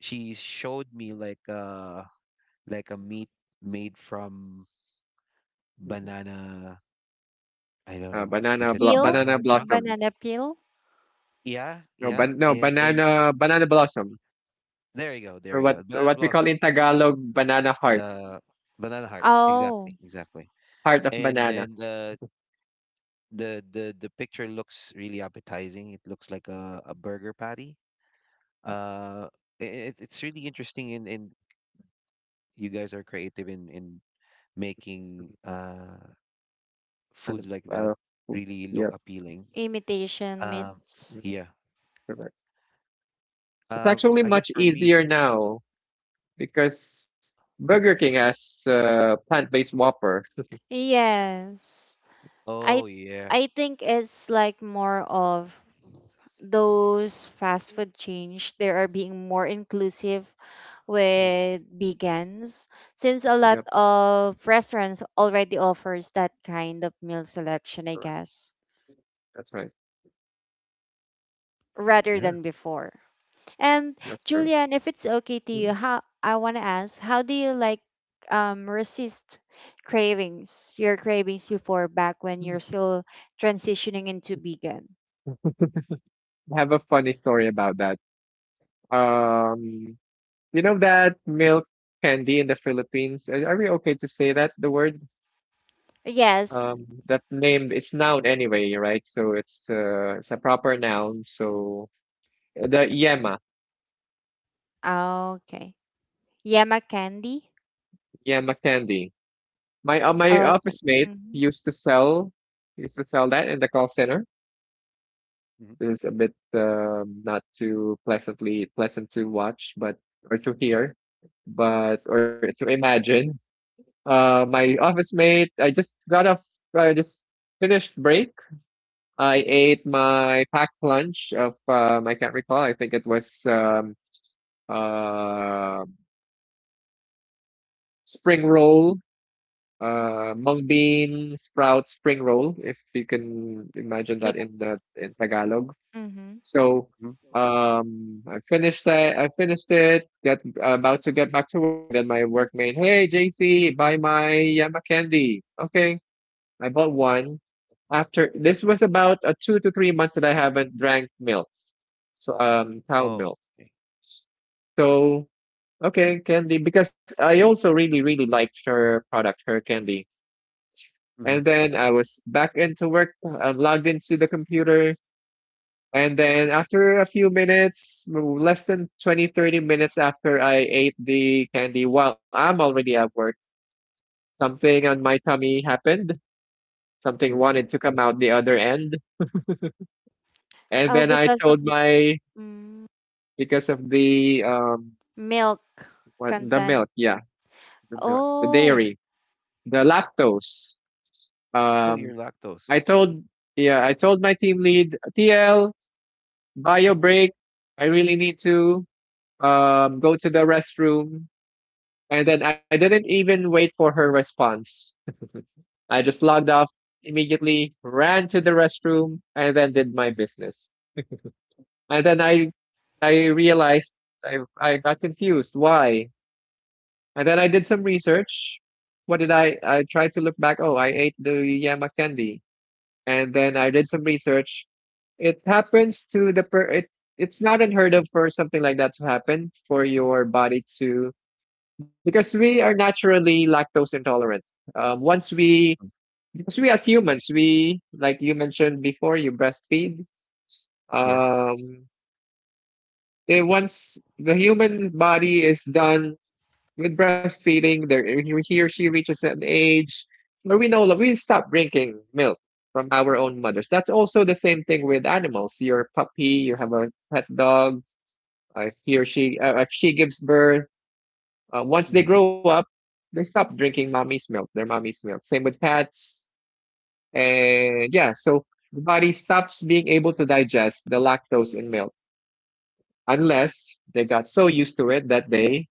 B: she showed me like a like a meat made from
C: mm-mm.
B: banana. I don't
C: uh,
B: know,
C: banana
B: is it
C: blo-
A: Peel,
B: ba-
C: banana
B: banana trunk?
C: blossom.
A: banana peel.
B: Yeah,
C: No,
B: yeah.
C: ban- no
B: And and
C: banana banana blossom
B: there you go,
C: or
B: there you
C: what
B: go,
C: or
B: banana
C: what we call
B: blossom,
C: in Tagalog banana heart,
B: the banana heart, exactly,
A: Oh,
B: exactly.
C: heart of
B: And
C: banana.
B: then the the the the picture looks really appetizing. It looks like a, a burger patty. uh it, it's really interesting, and and you guys are creative in in making uh
C: kind
B: foods
C: of
B: like that
C: uh, oof,
B: really look
C: yep
B: appealing.
A: imitation
B: Um,
A: meats.
C: mm,
B: yeah.
C: Correct. It's
B: Uh,
C: actually
B: I guess
C: much
B: for me,
C: easier now because Burger King has uh, plant-based Whopper.
A: Yes. I
B: oh yeah.
A: I think it's like more of those fast food change they are being more inclusive
C: Mm,
A: with vegans since a
C: yep.
A: lot of restaurants already offers that kind of meal selection, I
C: Correct.
A: guess,
C: That's right.
A: rather
B: Yeah.
A: than before. And,
C: That's true.
A: julian, if it's okay to you,
C: Mm,
A: how I want to ask, how do you like um resist cravings, your cravings before, back when
C: mm.
A: you're still transitioning into vegan?
C: I have a funny story about that. um you know that milk candy in the Philippines, are are we okay to say that the word
A: Yes.
C: um that name? It's noun anyway, right? So it's uh it's a proper noun. So uh, the yema
A: Okay. Yama candy.
C: yema candy. My uh,
B: Hmm.
C: my office
A: Okay.
C: mate
A: Hmm.
C: used to sell, used to sell that in the call center.
B: Hmm.
C: It is a bit um, not too pleasantly pleasant to watch, but or to hear, but or to imagine. Uh, my office mate. I just got off. I just finished break. I ate my packed lunch of um, I can't recall. I think it was um, uh, spring roll, uh mung bean sprout spring roll, if you can imagine
A: Yeah.
C: that, in the in Tagalog.
A: Mm-hmm.
C: so
B: Hmm.
C: um I finished that, I finished it get about to get back to work, and then my workmate, "Hey J C, buy my Yama candy." Okay, I bought one. After this was about a two to three months that I haven't drank milk, so um cow
B: Oh,
C: milk.
B: okay.
C: So okay candy, because I also really really liked her product, her candy. And
B: Hmm.
C: then I was back into work, I'm logged into the computer. And then after a few minutes, less than twenty, thirty minutes after I ate the candy while I'm already at work, something on my tummy happened. Something
B: Hmm.
C: wanted to come out the other end. And
A: Oh,
C: then I
A: because of
C: told
A: the.
C: my,
A: Mm,
C: because of the, um,
A: milk
C: what, the
A: content.
C: milk. Yeah. The milk, the dairy,
A: Oh,
C: the lactose.
B: Oh,
C: Um,
B: you're
C: I
B: lactose.
C: told, yeah, I told my team lead, T L, bio break. I really need to um, go to the restroom. And then I didn't even wait for her response. I just logged off immediately, ran to the restroom, and then did my business. And then I, I realized I, I got confused. Why? And then I did some research. What did I? I tried to look back. Oh, I ate the Yama candy. And then I did some research. It happens to the per. It, it's not unheard of for something like that to happen for your body to, because we are naturally lactose intolerant. Um, once we
B: Mm.
C: Because we as humans we like you mentioned before, you breastfeed.
B: Yeah.
C: Um, eh, Once the human body is done with breastfeeding, there he or she reaches an age where we know that we stop drinking milk from our own mothers. That's also the same thing with animals. Your puppy, you have a pet dog. uh, If he or she, uh, if she gives birth, uh, once
B: Mhm,
C: they grow up, they stop drinking mommy's milk, their mommy's milk. Same with cats, and yeah, so the body stops being able to digest the lactose in milk unless they got so used to it that they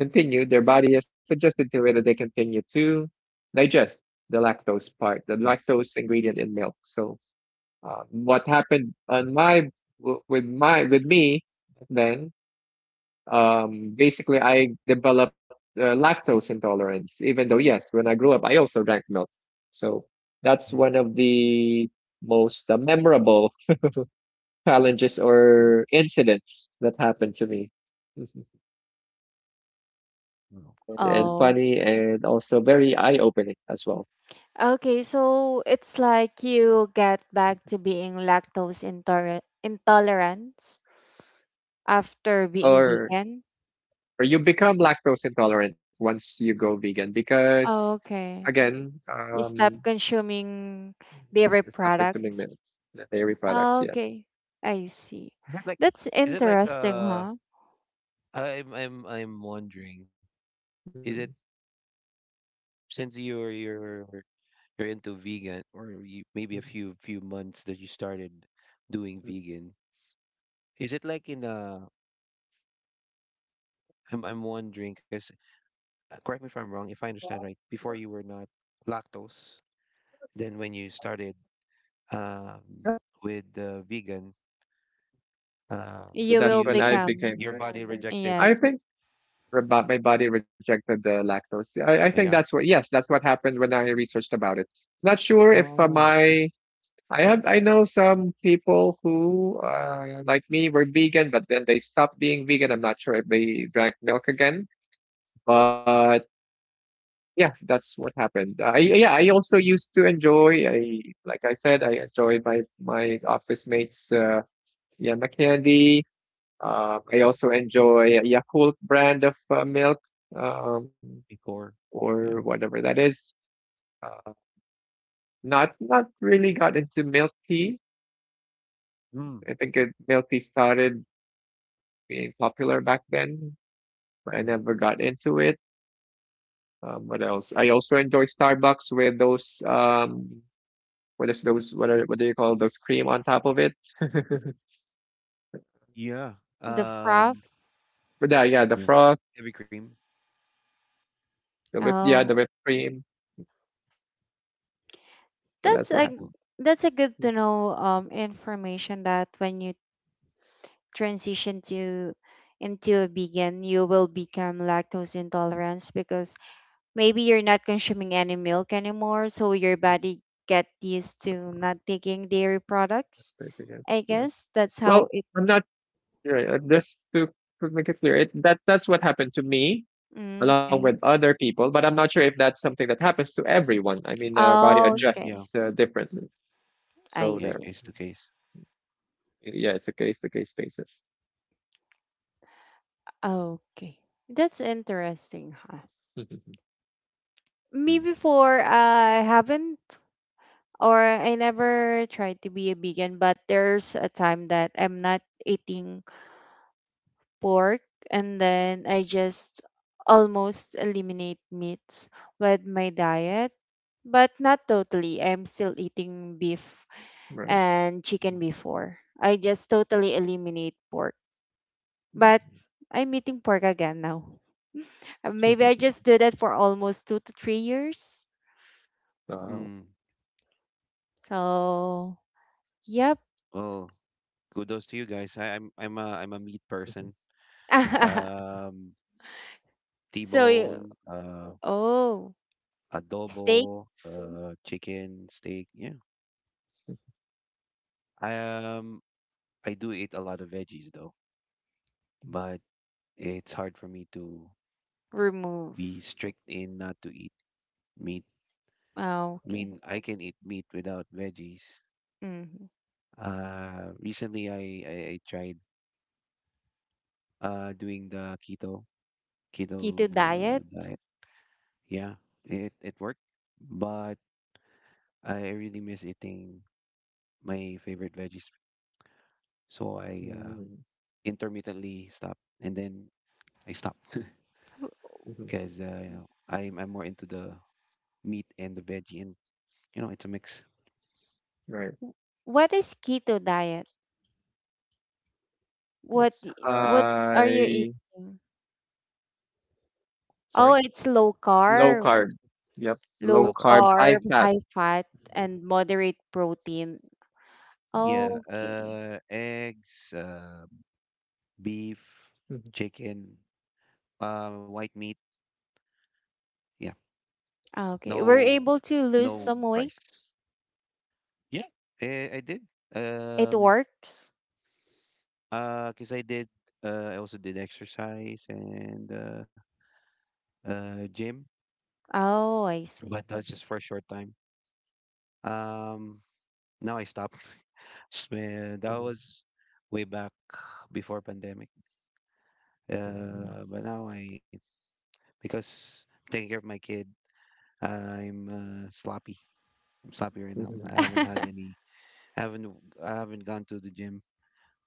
C: Continue, their body has adjusted to it that they continue to digest the lactose part, the
B: mm,
C: lactose ingredient in milk. So uh, what happened on my with my with me then, um, basically I developed uh, lactose intolerance. Even though yes, when I grew up, I also drank milk. So that's
B: mhm,
C: one of the most uh, memorable challenges or incidents that happened to me.
B: mm. Oh,
C: and, and
B: cool.
A: oh.
C: funny and also very eye-opening as well.
A: Okay, so it's like you get back to being lactose intoler intolerant after being
C: Or
A: vegan.
C: or you become lactose intolerant once you go vegan because
A: Oh, Okay.
C: again,
A: You
C: um,
A: stop consuming dairy
C: it's not consuming
A: products.
C: milk, the dairy products.
A: Oh,
C: Yes.
A: Okay. I see.
B: Is it like,
A: That's
B: is it like,
A: interesting,
B: uh,
A: huh?
B: I'm I'm I'm wondering, is it
C: Mm,
B: since you're you're you're into vegan, or you, maybe
C: mm,
B: a few few months that you started doing
C: mm.
B: vegan, is it like in a I'm I'm wondering, 'cause uh, correct me if I'm wrong, if I understand right, before you were not lactose, then when you started um,
C: Yeah.
B: with the vegan, uh,
C: So
A: You
C: that's
A: will
C: when I
B: you
A: become,
C: became.
B: your body Rejected.
C: I
A: yes,
C: think about my body rejected the lactose. I, I think
B: Rejected. Uh,
C: that's
B: yeah.
C: what. Yes, that's what happened when I researched about it. Not sure if uh,
B: Oh, okay.
C: my I have I know some people who uh, like me were vegan, but then they stopped being vegan. I'm not sure if they drank milk again, but yeah, that's what happened. I yeah, I also used to enjoy. I like I said, I enjoyed my my office mates uh, yama candy. Um, I
B: Mm.
C: also enjoy Yakult brand of uh, milk, um,
B: Before.
C: or
B: Yeah.
C: whatever that is. Uh, Not not really got into milk tea.
B: Mm,
C: I think it, milk tea started being popular back then, but I
B: mm.
C: never got into it. Um, what else? I also enjoy Starbucks with those um, what is those? What are what do you call those cream on top of it?
B: Yeah.
A: the froth.
B: Um.
C: But yeah, yeah, the
B: Yeah.
C: frost,
B: Heavy cream.
C: the whip, yeah, the
A: Oh,
C: whipped cream. So that's
A: that's
C: what
A: a
C: happened.
B: Well,
A: that's a good to
C: Mhm.
A: know um information that when you transition to into a vegan, you will become lactose intolerant because maybe you're not consuming any milk anymore, so your body get used to not taking dairy products.
C: Very good,
A: I
C: yeah.
A: guess that's how
C: Well,
A: it.
C: I'm not sure. uh, Just to, to make it clear, it, that that's what happened to me
A: Mm,
C: along with
A: okay.
C: other people, but I'm not sure if that's something that happens to everyone. I mean, the body
A: Oh,
B: mm.
A: okay.
B: Yeah.
C: adjusts uh, differently.
A: I
C: So
B: Yeah.
C: there.
A: see.
B: Case to case.
C: Yeah, it's a case to case basis.
A: Okay. That's interesting, huh?
C: Mhm.
A: Me
B: Hmm.
A: before, I haven't or I never tried to be a vegan, but there's a time that I'm not eating pork and then I just almost eliminate meats with my diet, but not totally. I'm still eating beef
C: Right.
A: and
C: Mhm.
A: chicken before. I just totally eliminate pork, but
C: Mhm.
A: I'm eating pork again now. Uh, Maybe I just do that for almost two to three years.
C: Wow.
B: Hmm.
A: So, yep.
B: Well, kudos to you guys. I, I'm I'm a I'm a meat
C: Mhm.
B: person. Um,
A: So,
B: T-bone,
A: y-
B: uh,
A: oh.
B: adobo,
A: Steaks,
B: uh, chicken, steak. Yeah. I um I do eat a lot of veggies though, but it's hard for me to be
A: remove.
B: strict in not to eat meat.
A: Oh,
B: I
A: okay.
B: mean, I can eat meat without veggies.
A: Mhm.
B: Uh, recently I I, I tried uh doing the keto
A: Keto
B: keto uh,
A: diet?
B: diet. Yeah, it it worked, but I really miss eating my favorite veggies, so I uh,
C: Mhm.
B: intermittently stopped, and then I stopped.
C: Mhm.
B: Because uh, you know I'm I'm more into the meat and the veggie, and you know it's a mix.
C: Right.
A: W- What is keto diet? What
C: It's
A: y-
B: Um,
A: what are you
C: high,
A: eating? Oh,
B: Sorry,
A: it's low
C: low carb.
A: carb,
C: Yep. Low
A: low
B: low carb.
C: carb, high
A: carb,
C: fat.
A: high fat, and moderate protein.
C: Mhm.
B: Yeah,
A: Okay.
B: uh, eggs, uh, beef,
C: Mhm.
B: chicken, uh, white meat. Yeah,
A: Ah, Okay. We're
B: no,
A: able to lose
B: no
A: some weight.
B: rice. Yeah, I, I did.
A: It
B: Um,
A: works.
B: uh, Cause I did. Uh, I also did exercise and uh, uh, gym,
A: Oh, I see.
B: but that's just for a short time. Um, Now I stopped. S- uh, That
C: Mhm.
B: was way back before pandemic.
C: Mhm.
B: Uh, but now I because I'm taking care of my kid, I'm uh, sloppy. I'm sloppy right now. I
C: Mhm.
B: haven't had any. I haven't. w- I haven't gone to the gym.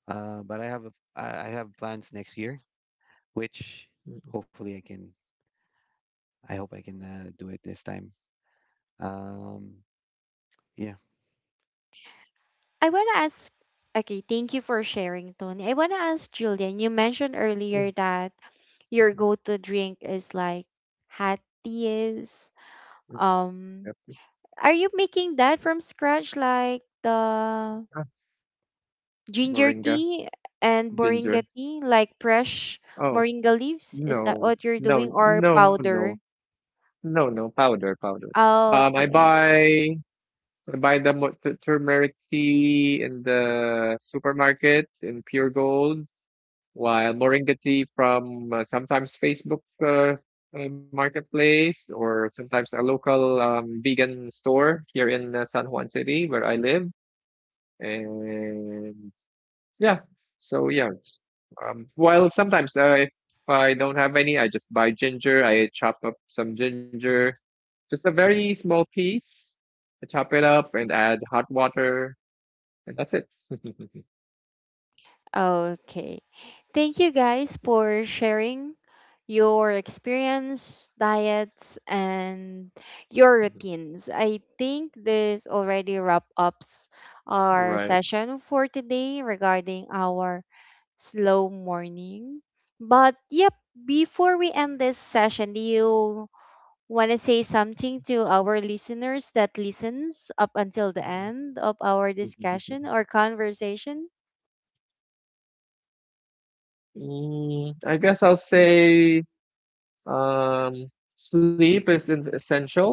B: Uh, but I have. A, I I have plans next year, which
C: Mhm.
B: hopefully I can. I hope I can uh, do it this time. Um. Yeah.
A: I want to ask Okay, thank you for sharing, Tony. I want to ask Julian. You mentioned
C: Mhm.
A: earlier that your
C: Mhm.
A: go-to drink is like hot teas.
C: Yep.
A: Um, are you making that from scratch, like the
C: Ah,
A: ginger
C: Moringa,
A: tea and moringa
C: ginger.
A: tea, like fresh
C: Oh,
A: moringa leaves? Is that
C: no,
A: what you're
C: no,
A: doing, or
C: no, no,
A: powder?
C: no, no, powder, powder.
A: Oh,
C: Um, I
A: Okay, I
C: buy, I buy the mo- t- turmeric tea in the supermarket in Pure Gold, while Moringa tea from uh, sometimes Facebook uh, uh, marketplace, or sometimes a local um, vegan store here in uh, San Juan City where I live. And yeah, so yeah. Um, Well, sometimes uh, if I don't have any, I just buy ginger. I chop up some ginger, just a very small piece. I chop it up and add hot water, and that's it.
A: see. Okay. Thank you guys for sharing your experience, diets, and your routines. I think this already wrap up our
C: Right.
A: session for today regarding our slow morning. But yep, before we end this session, do you want to say something to our listeners that listens up until the end of our discussion or conversation?
C: Mm, I guess I'll say um, sleep is in- essential.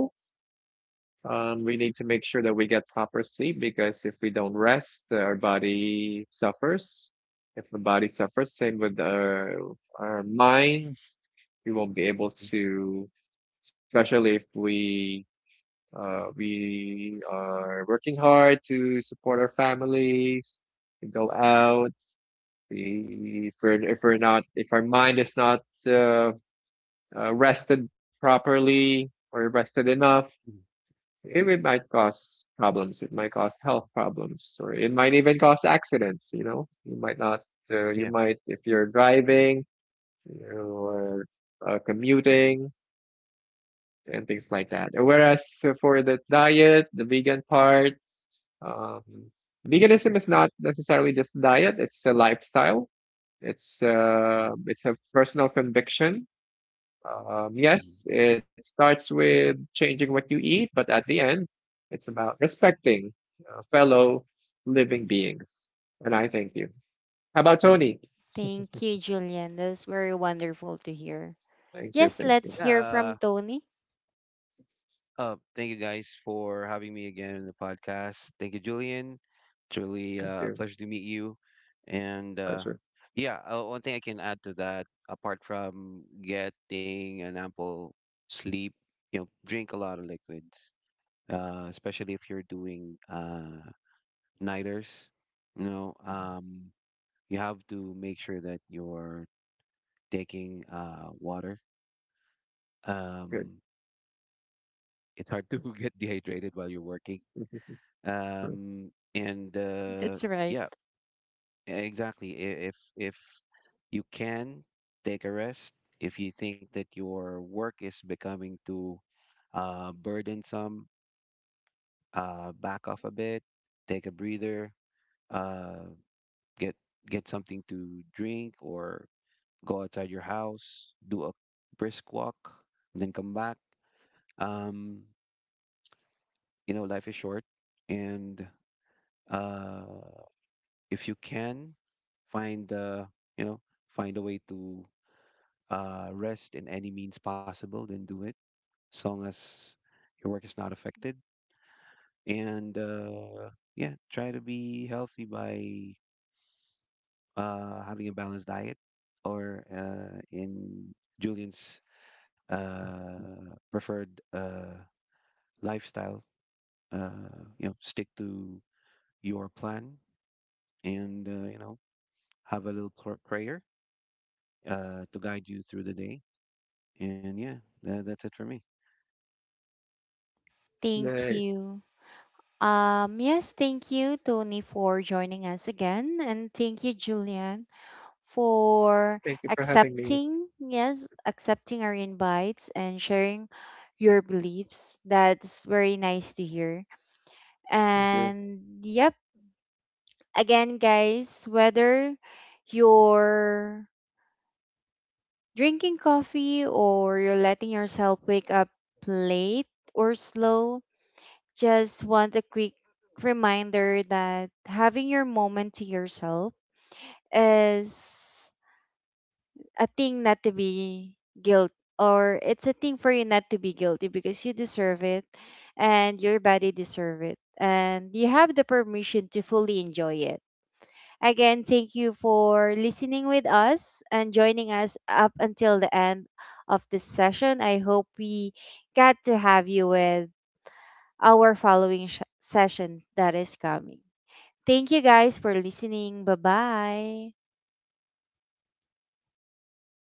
C: Um, we need to make sure that we get proper sleep because if we don't rest, our body suffers. If the body suffers, same with our, our minds, we won't be able to, especially if we uh, we are working hard to support our families, to go out, we- if we're if we're not, if our mind is not uh, uh, rested properly or rested enough,
B: Mhm.
C: it, it might cause problems, it might cause health problems, or it might even cause accidents, you know. You might not uh, you
B: Yeah.
C: might, if you're driving or uh, commuting and things like that, whereas uh, for the diet, the vegan part, um, veganism is not necessarily just diet; it's a lifestyle. It's uh,
B: Mhm.
C: it's a personal conviction. Um,
B: Mhm.
C: yes, it starts with changing what you eat, but at the end, it's about respecting uh, fellow living beings. And I thank you. How about Tony?
A: Thank you, Julian. That's very wonderful to hear.
C: Thank you,
A: Yes,
C: thank
A: let's
C: you,
A: hear
B: Yeah.
A: from Tony.
B: Uh, thank you guys for having me again in the podcast. Thank you, Julian. It's really
C: thank
B: uh, a
C: you.
B: pleasure to meet you. And uh,
C: Pleasure.
B: yeah, uh, one thing I can add to that, apart from getting an ample sleep, you know, drink a lot of liquids, uh, especially if you're doing uh, nighters. You know, um, you have to make sure that you're taking uh, water.
C: Good.
B: Um, it's hard to get dehydrated while you're working.
C: Sure.
B: um and uh
A: That's right.
B: yeah e-, exactly, I- if if you can, take a rest if you think that your work is becoming too uh burdensome. Uh back off a bit, take a breather. uh get get something to drink, or go outside your house, do a brisk walk, then come back. um you know, life is short, and uh if you can find the you know find a way to uh, rest in any means possible, then do it, as long as your work is not affected. And uh, yeah, try to be healthy by uh, having a balanced diet, or uh, in Julian's uh, preferred uh, lifestyle. Uh, you know stick to your plan, and uh, you know have a little pr- prayer uh, to guide you through the day. And yeah, that, that's it for me.
C: Nice.
A: Thank you. Um, yes, thank you, Tony, for joining us again. And thank you, Julian, for
C: Thank you for having me.
A: accepting, yes, accepting our invites and sharing your beliefs. That's very nice to hear.
C: Thank you.
A: And yep, again, guys, whether you're drinking coffee or you're letting yourself wake up late or slow, just want a quick reminder that having your moment to yourself is a thing not to be guilt, or it's a thing for you not to be guilty because you deserve it and your body deserve it and you have the permission to fully enjoy it. Again, thank you for listening with us and joining us up until the end of this session. I hope we get to have you with our following sh- session that is coming. Thank you guys for listening. Bye bye.